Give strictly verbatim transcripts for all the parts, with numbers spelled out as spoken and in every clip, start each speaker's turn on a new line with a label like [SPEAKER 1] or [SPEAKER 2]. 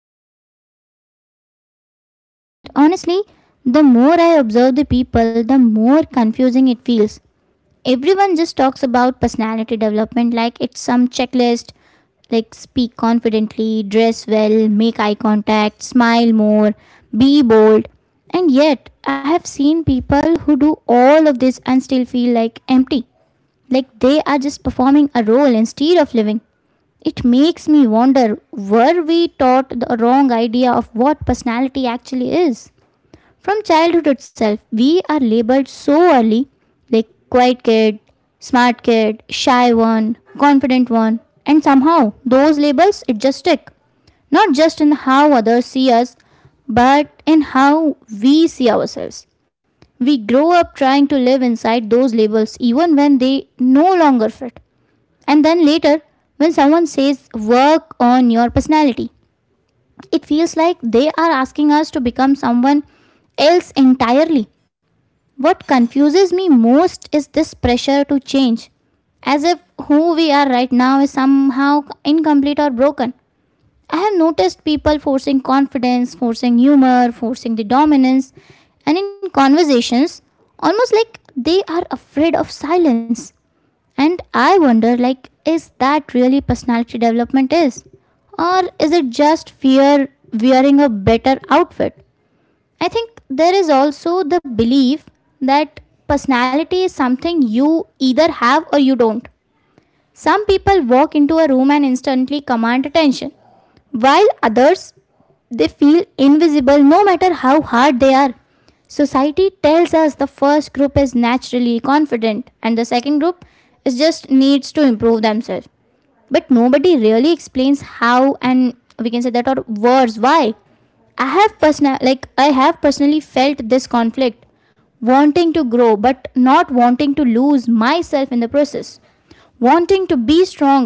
[SPEAKER 1] something for a very long time now, and honestly, the more I observe the people, the more confusing it feels. Everyone just talks about personality development like it's some checklist, like speak confidently, dress well, make eye contact, smile more, be bold. And yet I have seen people who do all of this and still feel like empty, like they are just performing a role instead of living. It makes me wonder, were we taught the wrong idea of what personality actually is? From childhood itself, we are labeled so early, like quiet kid, smart kid, shy one, confident one, and somehow those labels it just stick. Not just in how others see us, but in how we see ourselves. We grow up trying to live inside those labels even when they no longer fit. And then later, when someone says, work on your personality, it feels like they are asking us to become someone else entirely. What confuses me most is this pressure to change, as if who we are right now is somehow incomplete or broken. I have noticed people forcing confidence, forcing humor, forcing the dominance, and in conversations, almost like they are afraid of silence. And I wonder, like, is that really personality development is? Or is it just fear wearing a better outfit? I think there is also the belief that personality is something you either have or you don't. Some people walk into a room and instantly command attention, while others, they feel invisible no matter how hard they are. Society tells us the first group is naturally confident and the second group is just needs to improve themselves, but nobody really explains how, and we can say that, or worse, why. I have personal like i have personally felt this conflict, wanting to grow but not wanting to lose myself in the process, wanting to be strong,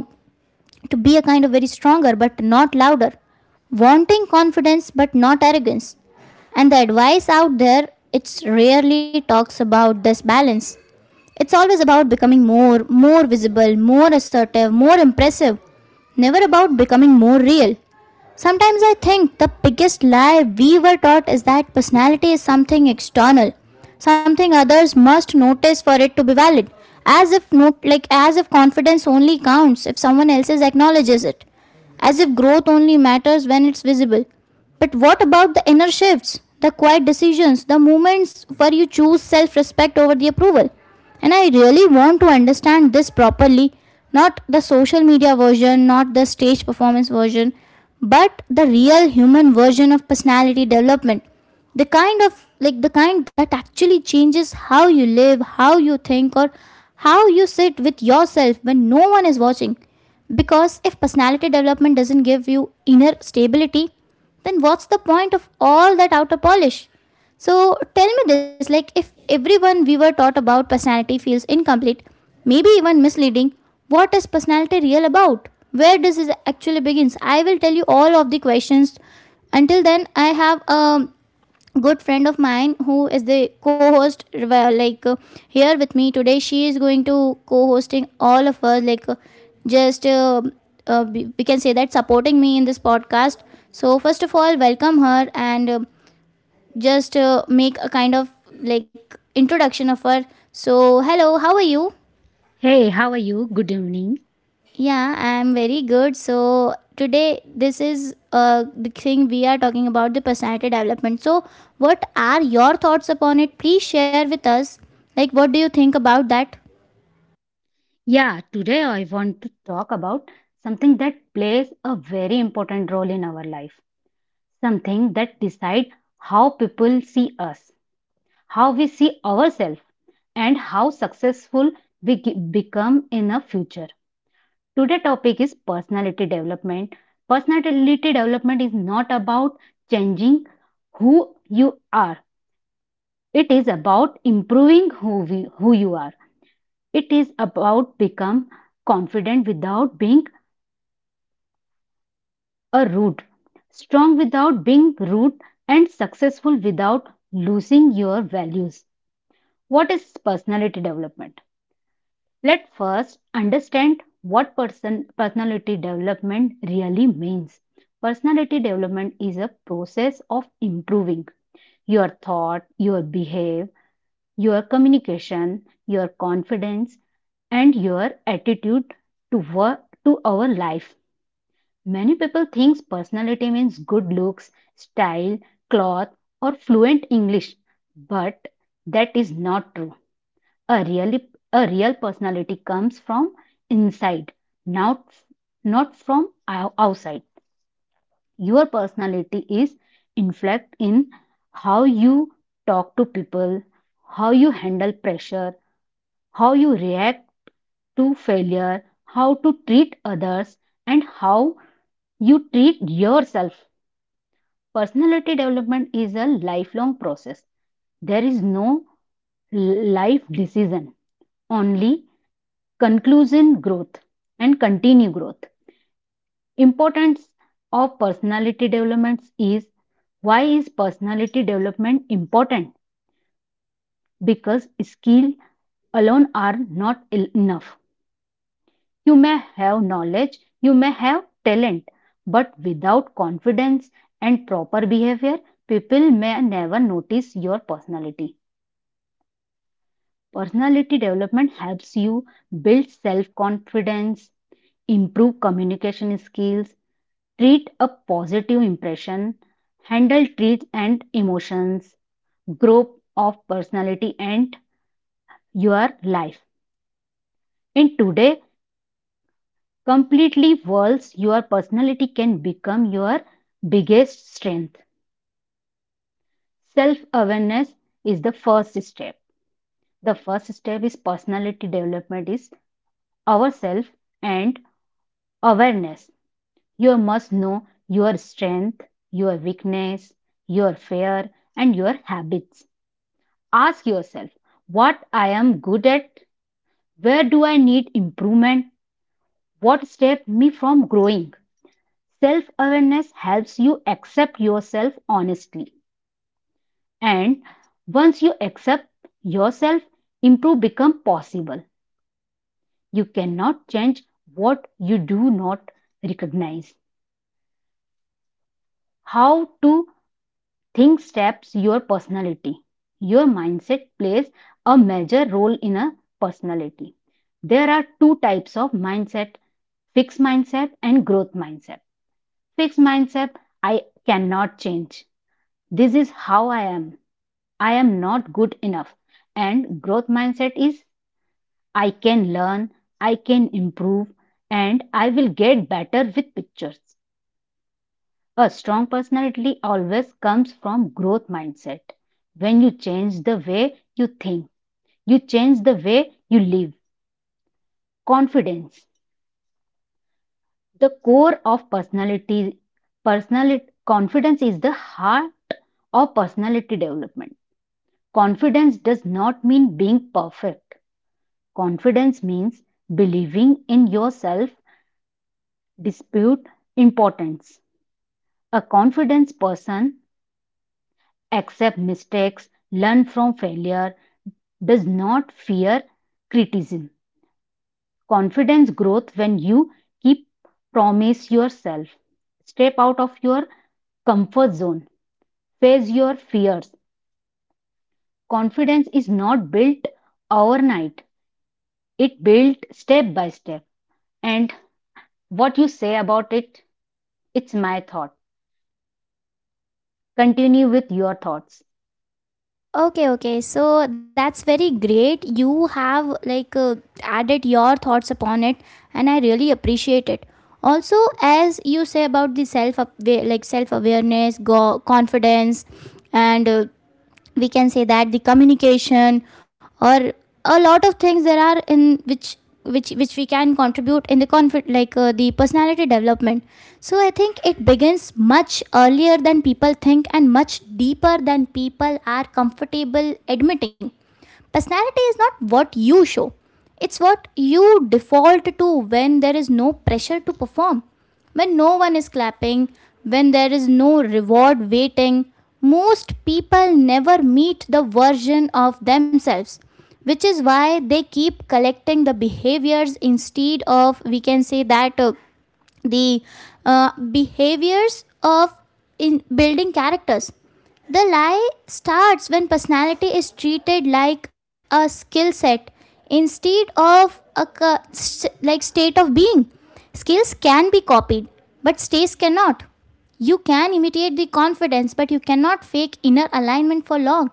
[SPEAKER 1] to be a kind of very stronger but not louder, wanting confidence but not arrogance. And the advice out there, it rarely talks about this balance. It's always about becoming more, more visible, more assertive, more impressive, never about becoming more real. Sometimes I think the biggest lie we were taught is that personality is something external, something others must notice for it to be valid, as if not, like as if confidence only counts if someone else acknowledges it, as if growth only matters when it's visible. But what about the inner shifts, the quiet decisions, the moments where you choose self respect over the approval? And I really want to understand this properly, not the social media version, not the stage performance version, but the real human version of personality development. The kind of like the kind that actually changes how you live, how you think, or how you sit with yourself when no one is watching. Because if personality development doesn't give you inner stability, then what's the point of all that outer polish? So tell me this, like, if everyone we were taught about personality feels incomplete, maybe even misleading, what is personality real about? Where does it actually begins? I will tell you all of the questions. Until then, I have a good friend of mine who is the co-host, well, like, uh, here with me today. She is going to co-hosting all of us, like, uh, just uh, uh, we we can say that, supporting me in this podcast. So first of all, welcome her, and uh, just uh, make a kind of like introduction of her. So hello, how are you?
[SPEAKER 2] Hey, how are you? Good evening.
[SPEAKER 1] Yeah, I'm very good. So today this is uh, the thing we are talking about, the personality development. So what are your thoughts upon it? Please share with us. Like, what do you think about that?
[SPEAKER 2] Yeah, today I want to talk about something that plays a very important role in our life. Something that decides how people see us, how we see ourselves, and how successful we ge- become in the future. Today topic is personality development. Personality development is not about changing who you are. It is about improving who we, who you are It is about become confident without being a rude, strong without being rude, and successful without losing your values. What is personality development? Let first understand what person personality development really means. Personality development is a process of improving your thought, your behave, your communication, your confidence, and your attitude to work to our life. Many people think personality means good looks, style, cloth, or fluent English, but that is not true. A really a real personality comes from inside, not not from ou- outside. Your personality is inflected in how you talk to people, how you handle pressure, how you react to failure, how to treat others, and how you treat yourself. Personality development is a lifelong process. There is no life decision, only conclusion growth and continue growth. Importance of personality developments is why is personality development important? Because skill alone are not enough. You may have knowledge, you may have talent, but without confidence and proper behavior, people may never notice your personality. Personality development helps you build self confidence, improve communication skills, treat a positive impression, handle traits and emotions, growth of personality and your life. In today completely world, your personality can become your biggest strength. Self awareness is the first step. The first step is personality development is ourself and awareness. You must know your strength, your weakness, your fear, and your habits. Ask yourself what I am good at, where do I need improvement, what stops me from growing. Self awareness helps you accept yourself honestly. And once you accept yourself, improve become possible. You cannot change what you do not recognize. How to Think steps your personality. Your mindset plays a major role in a personality. There are two types of mindset, fixed mindset and growth mindset. Fixed mindset, I cannot change. This is how I am. I am not good enough. And growth mindset is I can learn, I can improve, and I will get better with pictures. A strong personality always comes from growth mindset. When you change the way you think, you change the way you live. Confidence. The core of personality personality confidence is the heart of personality development. Confidence does not mean being perfect. Confidence means believing in yourself dispute importance. A confident person accepts mistakes, learn from failure, does not fear criticism. Confidence growth when you keep promise yourself. Step out of your comfort zone. Face your fears. Confidence is not built overnight. It built step by step. And what you say about it, it's my thought. Continue with your thoughts.
[SPEAKER 1] Okay, okay. So that's very great. You have like uh, added your thoughts upon it, and I really appreciate it. Also, as you say about the self up- wa- like self awareness, go confidence, and uh, we can say that, the communication, or a lot of things there are in which which which we can contribute in the conflict, like uh, the personality development. So I think it begins much earlier than people think and much deeper than people are comfortable admitting. Personality is not what you show, it's what you default to when there is no pressure to perform, when no one is clapping, when there is no reward waiting. Most people never meet the version of themselves, which is why they keep collecting the behaviors instead of, we can say, that uh, the uh, behaviors of in building characters. The lie starts when personality is treated like a skill set instead of a ca- st- like state of being. Skills can be copied, but states cannot. You can imitate the confidence, but you cannot fake inner alignment for long.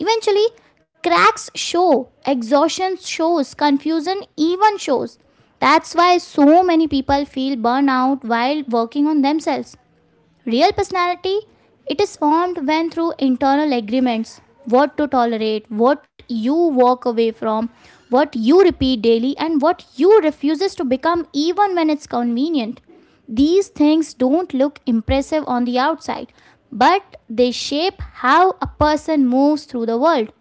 [SPEAKER 1] Eventually, cracks show, exhaustion shows, confusion even shows. That's why so many people feel burnout while working on themselves. Real personality, it is formed when through internal agreements, what to tolerate, what you walk away from, what you repeat daily, and what you refuses to become even when it's convenient. These things don't look impressive on the outside, but they shape how a person moves through the world.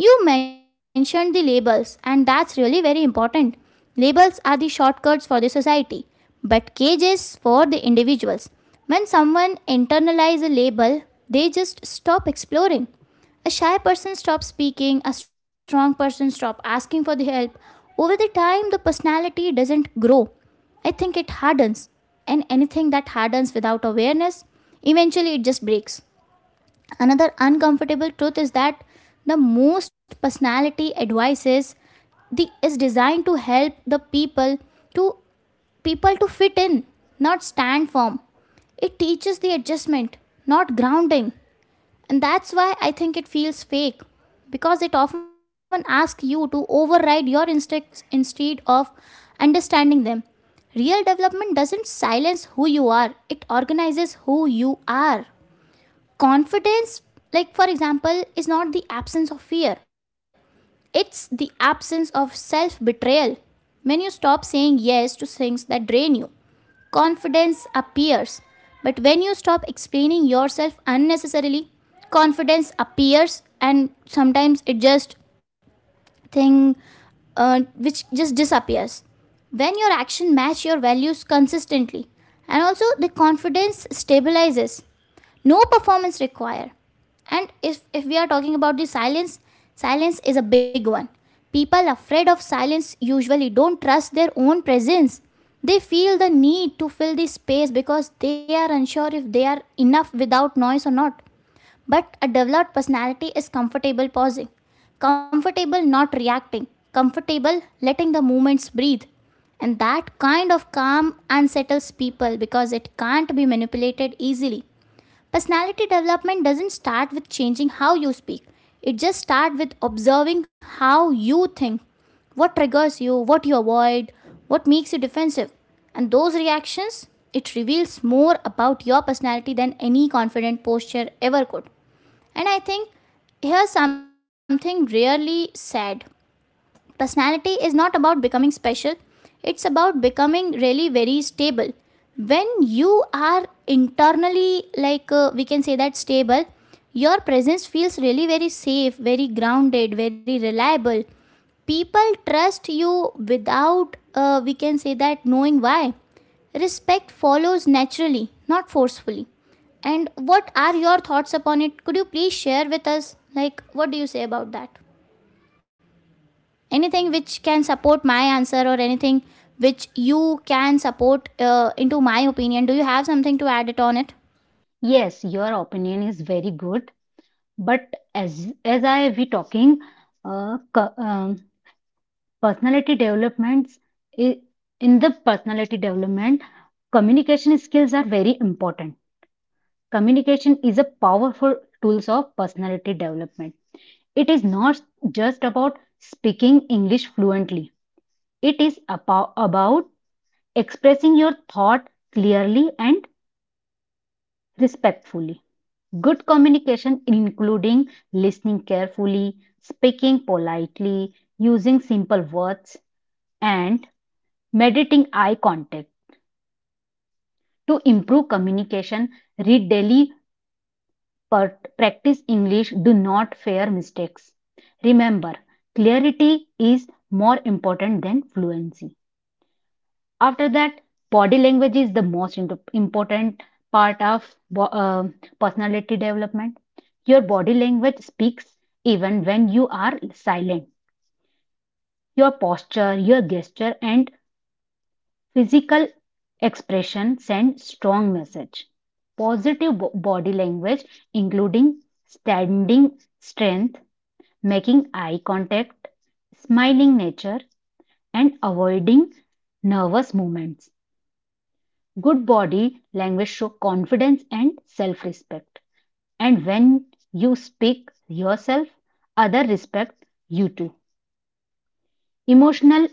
[SPEAKER 1] You mentioned the labels, and that's really very important. Labels are the shortcuts for the society, but cages for the individuals. When someone internalizes a label, they just stop exploring. A shy person stops speaking, a strong person stops asking for the help. Over the time, the personality doesn't grow. I think it hardens, and anything that hardens without awareness, eventually it just breaks. Another uncomfortable truth is that the most personality advices the is designed to help the people to people to fit in, not stand firm. It teaches the adjustment, not grounding. And that's why I think it feels fake, because it often asks you to override your instincts instead of understanding them. Real development doesn't silence who you are, it organizes who you are. Confidence, like for example, is not the absence of fear, it's the absence of self betrayal. When you stop saying yes to things that drain you, confidence appears. But when you stop explaining yourself unnecessarily, confidence appears. And sometimes it just thing uh, which just disappears. When your action match your values consistently, and also the confidence stabilizes, no performance required. And if, if we are talking about the silence, silence is a big one. People afraid of silence usually don't trust their own presence. They feel the need to fill the space because they are unsure if they are enough without noise or not. But a developed personality is comfortable pausing, comfortable not reacting, comfortable letting the movements breathe. And that kind of calm unsettles people because it can't be manipulated easily. Personality development doesn't start with changing how you speak. It just starts with observing how you think, what triggers you, what you avoid, what makes you defensive. And those reactions, it reveals more about your personality than any confident posture ever could. And I think here's something really sad. Personality is not about becoming special, it's about becoming really very stable. When you are internally, like uh, we can say that, stable, your presence feels really very safe, very grounded, very reliable. People trust you without, uh, we can say that, knowing why. Respect follows naturally, not forcefully. And what are your thoughts upon it? Could you please share with us? Like, what do you say about that? Anything which can support my answer, or anything which you can support uh, into my opinion, do you have something to add it on it?
[SPEAKER 2] Yes, your opinion is very good. But as as I we talking, uh, co- um, personality developments i- in the personality development communication skills are very important. Communication is a powerful tools of personality development. It is not just about speaking English fluently, it is abo- about expressing your thought clearly and respectfully. Good communication including listening carefully, speaking politely, using simple words, and meditating eye contact. To improve communication, read daily, part- practice English, do not fear mistakes. Remember, clarity is more important than fluency. After that, body language is the most important part of uh, personality development. Your body language speaks even when you are silent. Your posture, your gesture, and physical expression sends strong message. Positive bo- body language, including standing strength, making eye contact, smiling nature, and avoiding nervous movements. Good body language show confidence and self-respect. And when you speak yourself, other respect you too. Emotional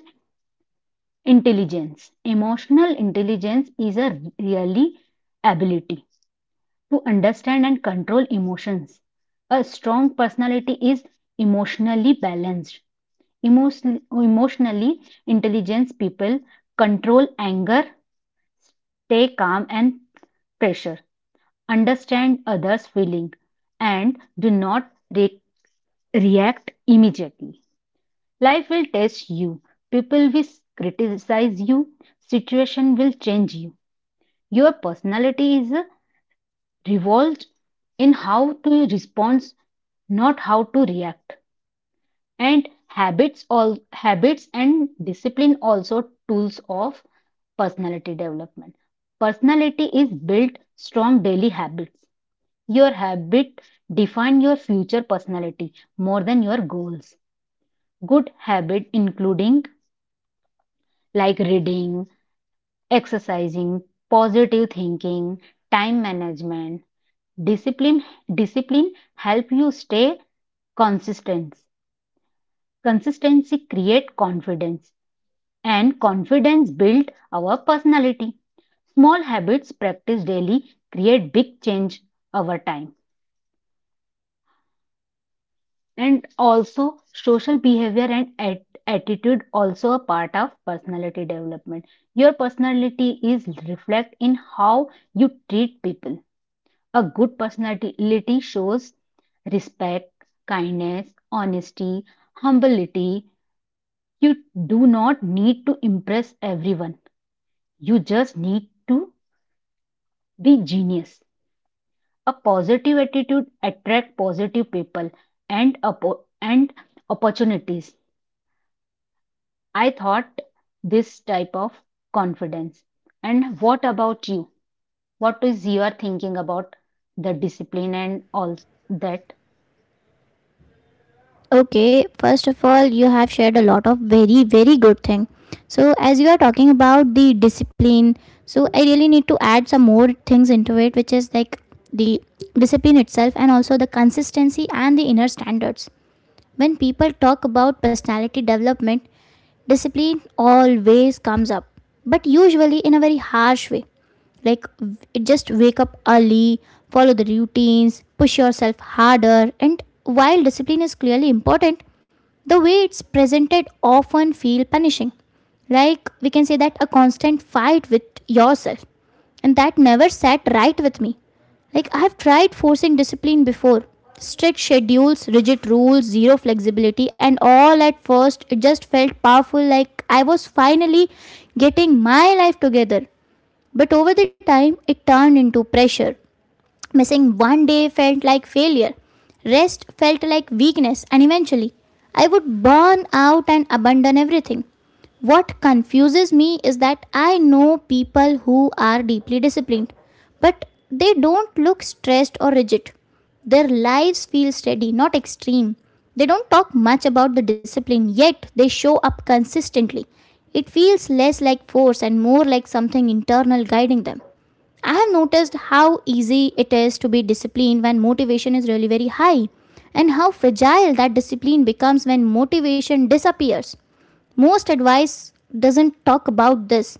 [SPEAKER 2] intelligence. Emotional intelligence is a really ability to understand and control emotions. A strong personality is emotionally balanced. Emotion- emotionally intelligent people control anger, stay calm and pressure, understand others' feeling, and do not re- react immediately. Life will test you. People will criticize you. Situation will change you. Your personality is revolves in how to respond, not how to react. And habits, all habits and discipline also tools of personality development. Personality is built strong daily habits. Your habit define your future personality more than your goals. Good habit including like reading, exercising, positive thinking, time management, discipline discipline help you stay consistent. Consistency create confidence and confidence build our personality. Small habits practiced daily create big change over time. And also social behavior and at- attitude also a part of personality development. Your personality is reflect in how you treat people. A good personality shows respect, kindness, honesty, humility. You do not need to impress everyone. You just need to be genius. A positive attitude attracts positive people and oppo- and opportunities. I thought this type of confidence. And what about you? What is your thinking about the discipline and all that?
[SPEAKER 1] Okay, first of all, you have shared a lot of very, very good thing. So, as you are talking about the discipline, so I really need to add some more things into it, which is like the discipline itself, and also the consistency and the inner standards. When people talk about personality development, discipline always comes up, but usually in a very harsh way, like w- it just wake up early, follow the routines, push yourself harder. And while discipline is clearly important, the way it's presented often feel punishing, like we can say that, a constant fight with yourself, and that never sat right with me. Like, I have tried forcing discipline before. Strict schedules, rigid rules, zero flexibility, and all at first, it just felt powerful, like I was finally getting my life together. But over the time, it turned into pressure. Missing one day felt like failure. Rest felt like weakness, and eventually, I would burn out and abandon everything. What confuses me is that I know people who are deeply disciplined, but they don't look stressed or rigid. Their lives feel steady, not extreme. They don't talk much about the discipline, yet they show up consistently. It feels less like force and more like something internal guiding them. I have noticed how easy it is to be disciplined when motivation is really very high, and how fragile that discipline becomes when motivation disappears. Most advice doesn't talk about this,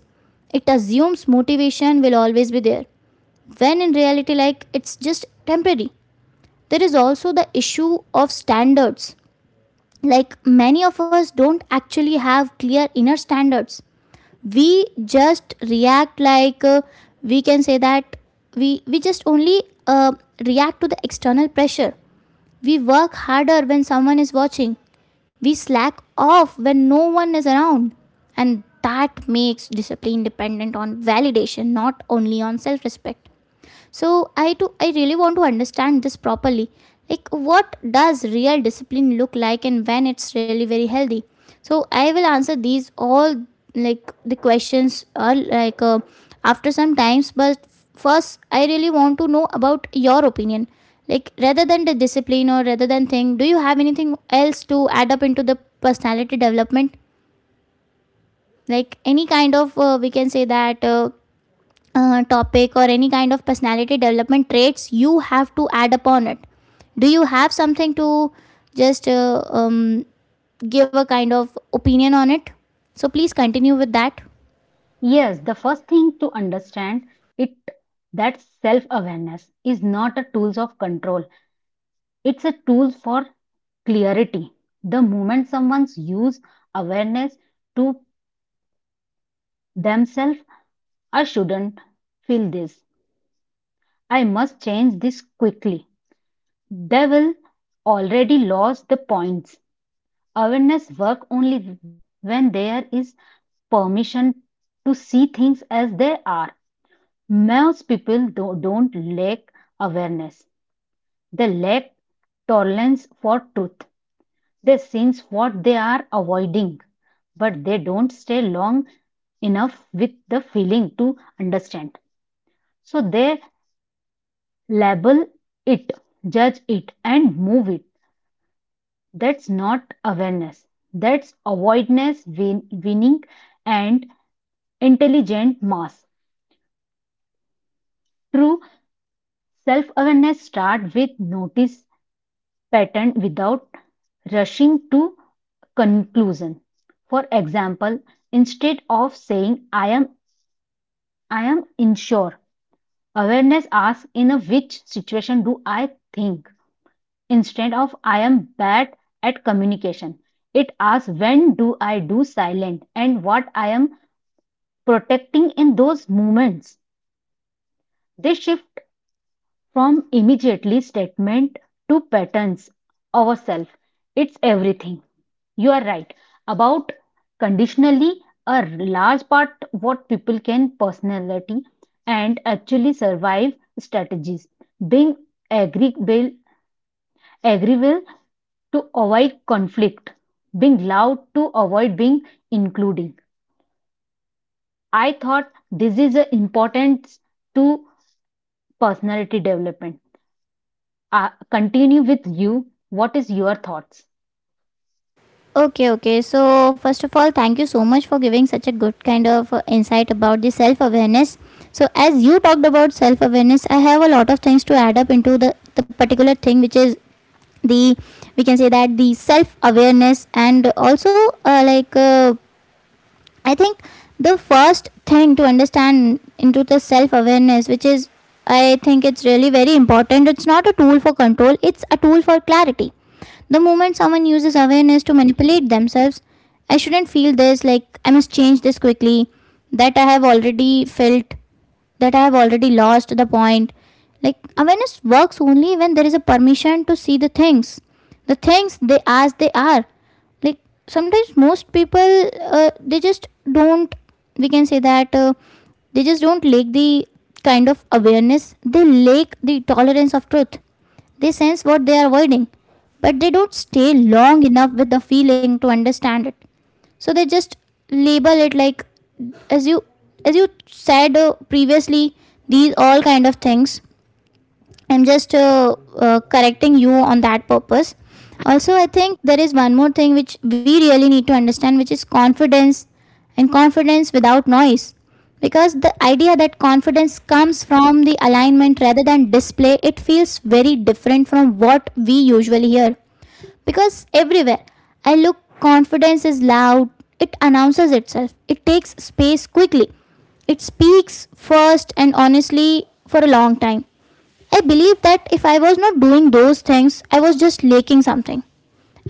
[SPEAKER 1] it assumes motivation will always be there, when in reality, like it's just temporary. There is also the issue of standards. Like many of us don't actually have clear inner standards. We just react like uh, we can say that we we just only uh, react to the external pressure. We work harder when someone is watching, we slack off when no one is around, and that makes discipline dependent on validation, not only on self respect. So I do I really want to understand this properly. Like what does real discipline look like, and when it's really very healthy? So I will answer these all, like the questions are like uh, after some times, but first I really want to know about your opinion. Like rather than the discipline or rather than thing, do you have anything else to add up into the personality development? Like any kind of uh, we can say that uh, uh, topic or any kind of personality development traits you have to add upon it, do you have something to just uh, um, give a kind of opinion on it? So please continue with that.
[SPEAKER 2] Yes, the first thing to understand it that self-awareness is not a tools of control. It's a tool for clarity. The moment someone's use awareness to themselves, I shouldn't feel this. I must change this quickly. They will already lost the points. Awareness work only when there is permission to see things as they are. Most people do- don't lack awareness, they lack tolerance for truth. They sense what they are avoiding, but they don't stay long enough with the feeling to understand. So they label it, judge it, and move it. That's not awareness, that's avoidance, win- winning, and intelligent mass. True self awareness starts with notice pattern without rushing to conclusion. For example, instead of saying I am I am unsure, awareness asks in a which situation do I think? Instead of I am bad at communication, it asks when do I do silent and what I am protecting in those moments. They shift from immediately statement to patterns ourselves. It's everything. You are right about conditionally a large part what people can personality and actually survive strategies. Being agreeable, agreeable to avoid conflict. Being loud to avoid being including. I thought this is the importance to personality development. Uh, continue with you. What is your thoughts?
[SPEAKER 1] Okay, okay. So first of all, thank you so much for giving such a good kind of uh, insight about the self awareness. So as you talked about self awareness, I have a lot of things to add up into the the particular thing, which is the, we can say that, the self awareness, and also uh, like uh, I think the first thing to understand into the self awareness, which is, I think, it's really very important. It's not a tool for control, it's a tool for clarity. The moment someone uses awareness to manipulate themselves, I shouldn't feel this, like I must change this quickly, that I have already felt, that I have already lost the point. Like awareness works only when there is a permission to see the things, the things they as they are. Like sometimes most people uh, they just don't, we can say that, uh, they just don't lack the kind of awareness, they lack the tolerance of truth. They sense what they are avoiding, but they don't stay long enough with the feeling to understand it. So they just label it like, as you as you said uh, previously, these all kind of things. I'm just uh, uh, correcting you on that purpose. Also I think there is one more thing which we really need to understand, which is confidence, and confidence without noise. Because the idea that confidence comes from the alignment rather than display, it feels very different from what we usually hear. Because everywhere I look, confidence is loud. It announces itself, it takes space quickly, it speaks first, and honestly, for a long time I believe that if I was not doing those things, I was just lacking something.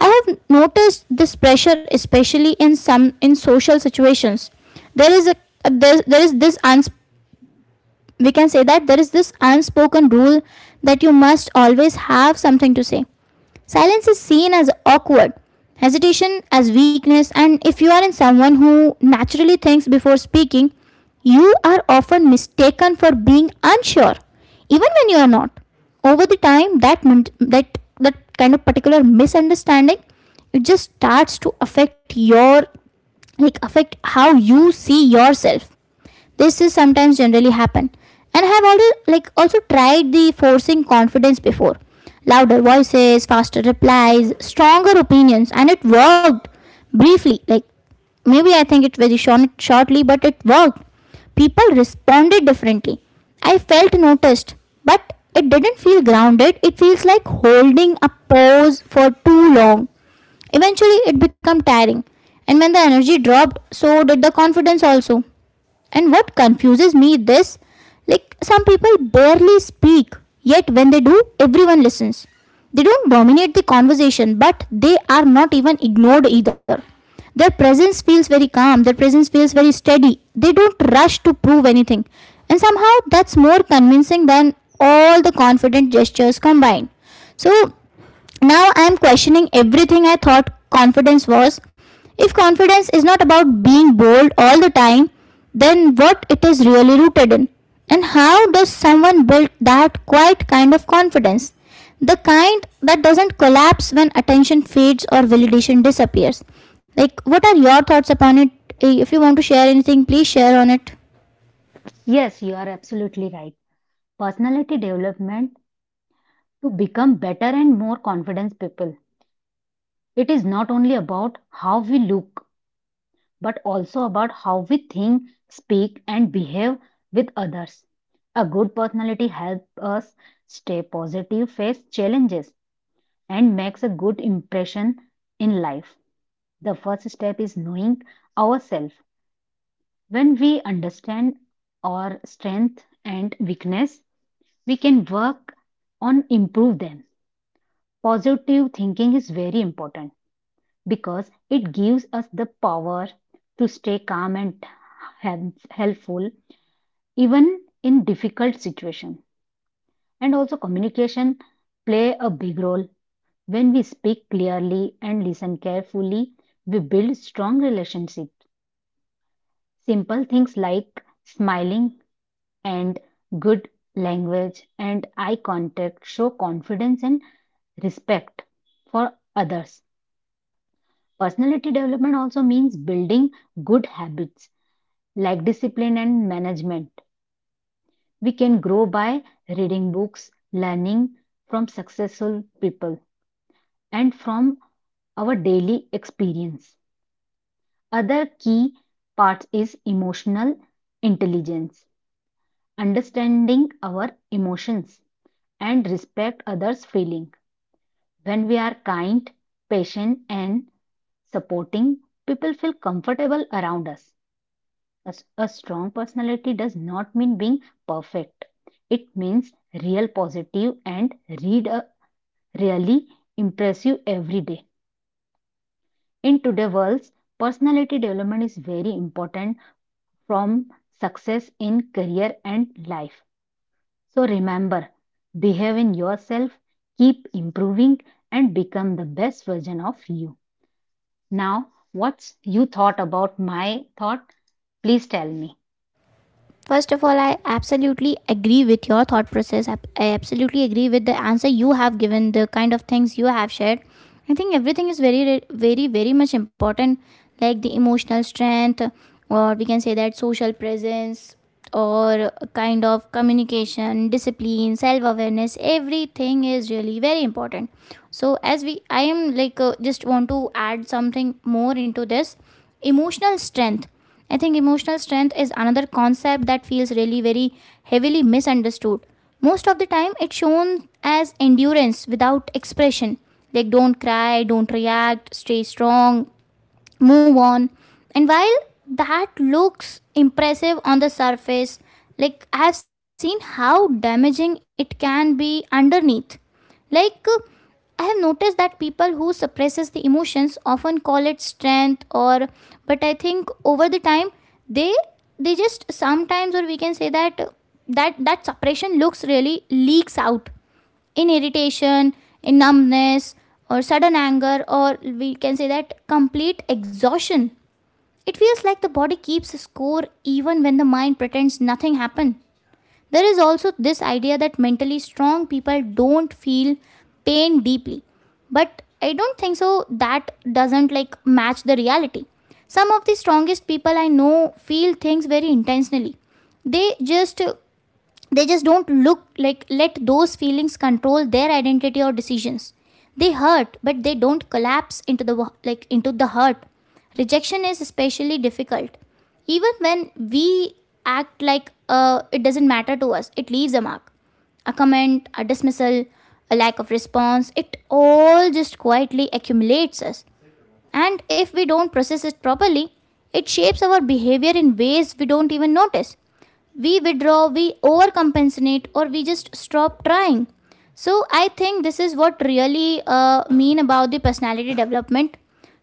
[SPEAKER 1] I have noticed this pressure especially in some in social situations. There is a there, there is this uns we can say that there is this unspoken rule that you must always have something to say. Silence is seen as awkward, hesitation as weakness, and if you are in someone who naturally thinks before speaking, you are often mistaken for being unsure, even when you are not. Over the time, that min- that that kind of particular misunderstanding, it just starts to affect your, like, affect how you see yourself. This is sometimes generally happen. And I have already, like, also tried the forcing confidence before. Louder voices, faster replies, stronger opinions, and it worked briefly. Like maybe I think it very short, shortly, but it worked. People responded differently. I felt noticed, but it didn't feel grounded. It feels like holding a pose for too long. Eventually, it became tiring. And when the energy dropped, so did the confidence also. And what confuses me this, like some people barely speak, yet when they do, everyone listens. They don't dominate the conversation, but they are not even ignored either. Their presence feels very calm, their presence feels very steady. They don't rush to prove anything. And somehow that's more convincing than all the confident gestures combined. So now I am questioning everything I thought confidence was. If confidence is not about being bold all the time, then what it is really rooted in? And how does someone build that quiet kind of confidence? The kind that doesn't collapse when attention fades or validation disappears. Like, what are your thoughts upon it? Eh, If you want to share anything, please share on it.
[SPEAKER 2] Yes, you are absolutely right. Personality development to become better and more confident people. It is not only about how we look, but also about how we think, speak, and behave with others. A good personality helps us stay positive, face challenges, and makes a good impression in life. The first step is knowing ourselves. When we understand our strength and weakness, we can work on improve them. Positive thinking is very important because it gives us the power to stay calm and helpful even in difficult situations. And also communication play a big role. When we speak clearly and listen carefully, we build strong relationships. Simple things like smiling and good language and eye contact show confidence and respect for others. Personality development also means building good habits like discipline and management. We can grow by reading books, learning from successful people, and from our daily experience. Other key part is emotional intelligence, understanding our emotions and respect others' feeling. When we are kind, patient, and supporting, people feel comfortable around us. A a strong personality does not mean being perfect. It means real positive and read a really impressive every day. In today's world, personality development is very important from success in career and life. So remember, behave in yourself, keep improving and become the best version of you. Now, what's you thought about my thought? Please tell me.
[SPEAKER 1] First of all, I absolutely agree with your thought process. I I absolutely agree with the answer you have given, the kind of things you have shared. I think everything is very, re- very, very much important, like the emotional strength, or we can say that social presence, or a kind of communication, discipline, self awareness. Everything is really very important. So, as we, I am like, uh, just want to add something more into this emotional strength. I think emotional strength is another concept that feels really very heavily misunderstood. Most of the time, it's shown as endurance without expression. Like, don't cry, don't react, stay strong, move on. And while that looks impressive on the surface, like I have seen how damaging it can be underneath. like uh, I have noticed that people who suppresses the emotions often call it strength, or but I think over the time, they they just sometimes, or we can say that, uh, that that suppression looks really leaks out in irritation, in numbness, or sudden anger, or we can say that complete exhaustion. It feels like the body keeps score even when the mind pretends nothing happened. There is also this idea that mentally strong people don't feel pain deeply. But I don't think so, that doesn't like match the reality. Some of the strongest people I know feel things very intensely. They just they just don't look like let those feelings control their identity or decisions. They hurt, but they don't collapse into the, like, into the hurt. Rejection is especially difficult. Even when we act like uh, it doesn't matter to us, it leaves a mark. A comment, a dismissal, a lack of response, it all just quietly accumulates us. And if we don't process it properly, it shapes our behavior in ways we don't even notice. We withdraw, we overcompensate, or we just stop trying. So I think this is what really uh, mean about the personality development.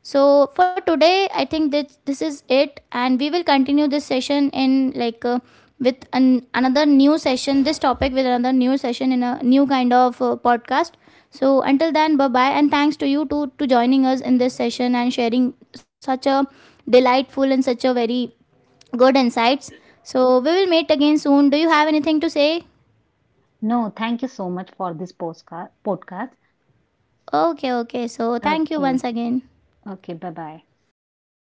[SPEAKER 1] So for today, I think that this is it, and we will continue this session in like uh, with an, another new session. This topic with another new session in a new kind of uh, podcast. So until then, bye bye, and thanks to you to to joining us in this session and sharing such a delightful and such a very good insights. So we will meet again soon. Do you have anything to say?
[SPEAKER 2] No, thank you so much for this postcard, podcast.
[SPEAKER 1] Okay, okay. So thank you
[SPEAKER 2] Okay.
[SPEAKER 1] once again.
[SPEAKER 2] Okay. Bye bye. And good night.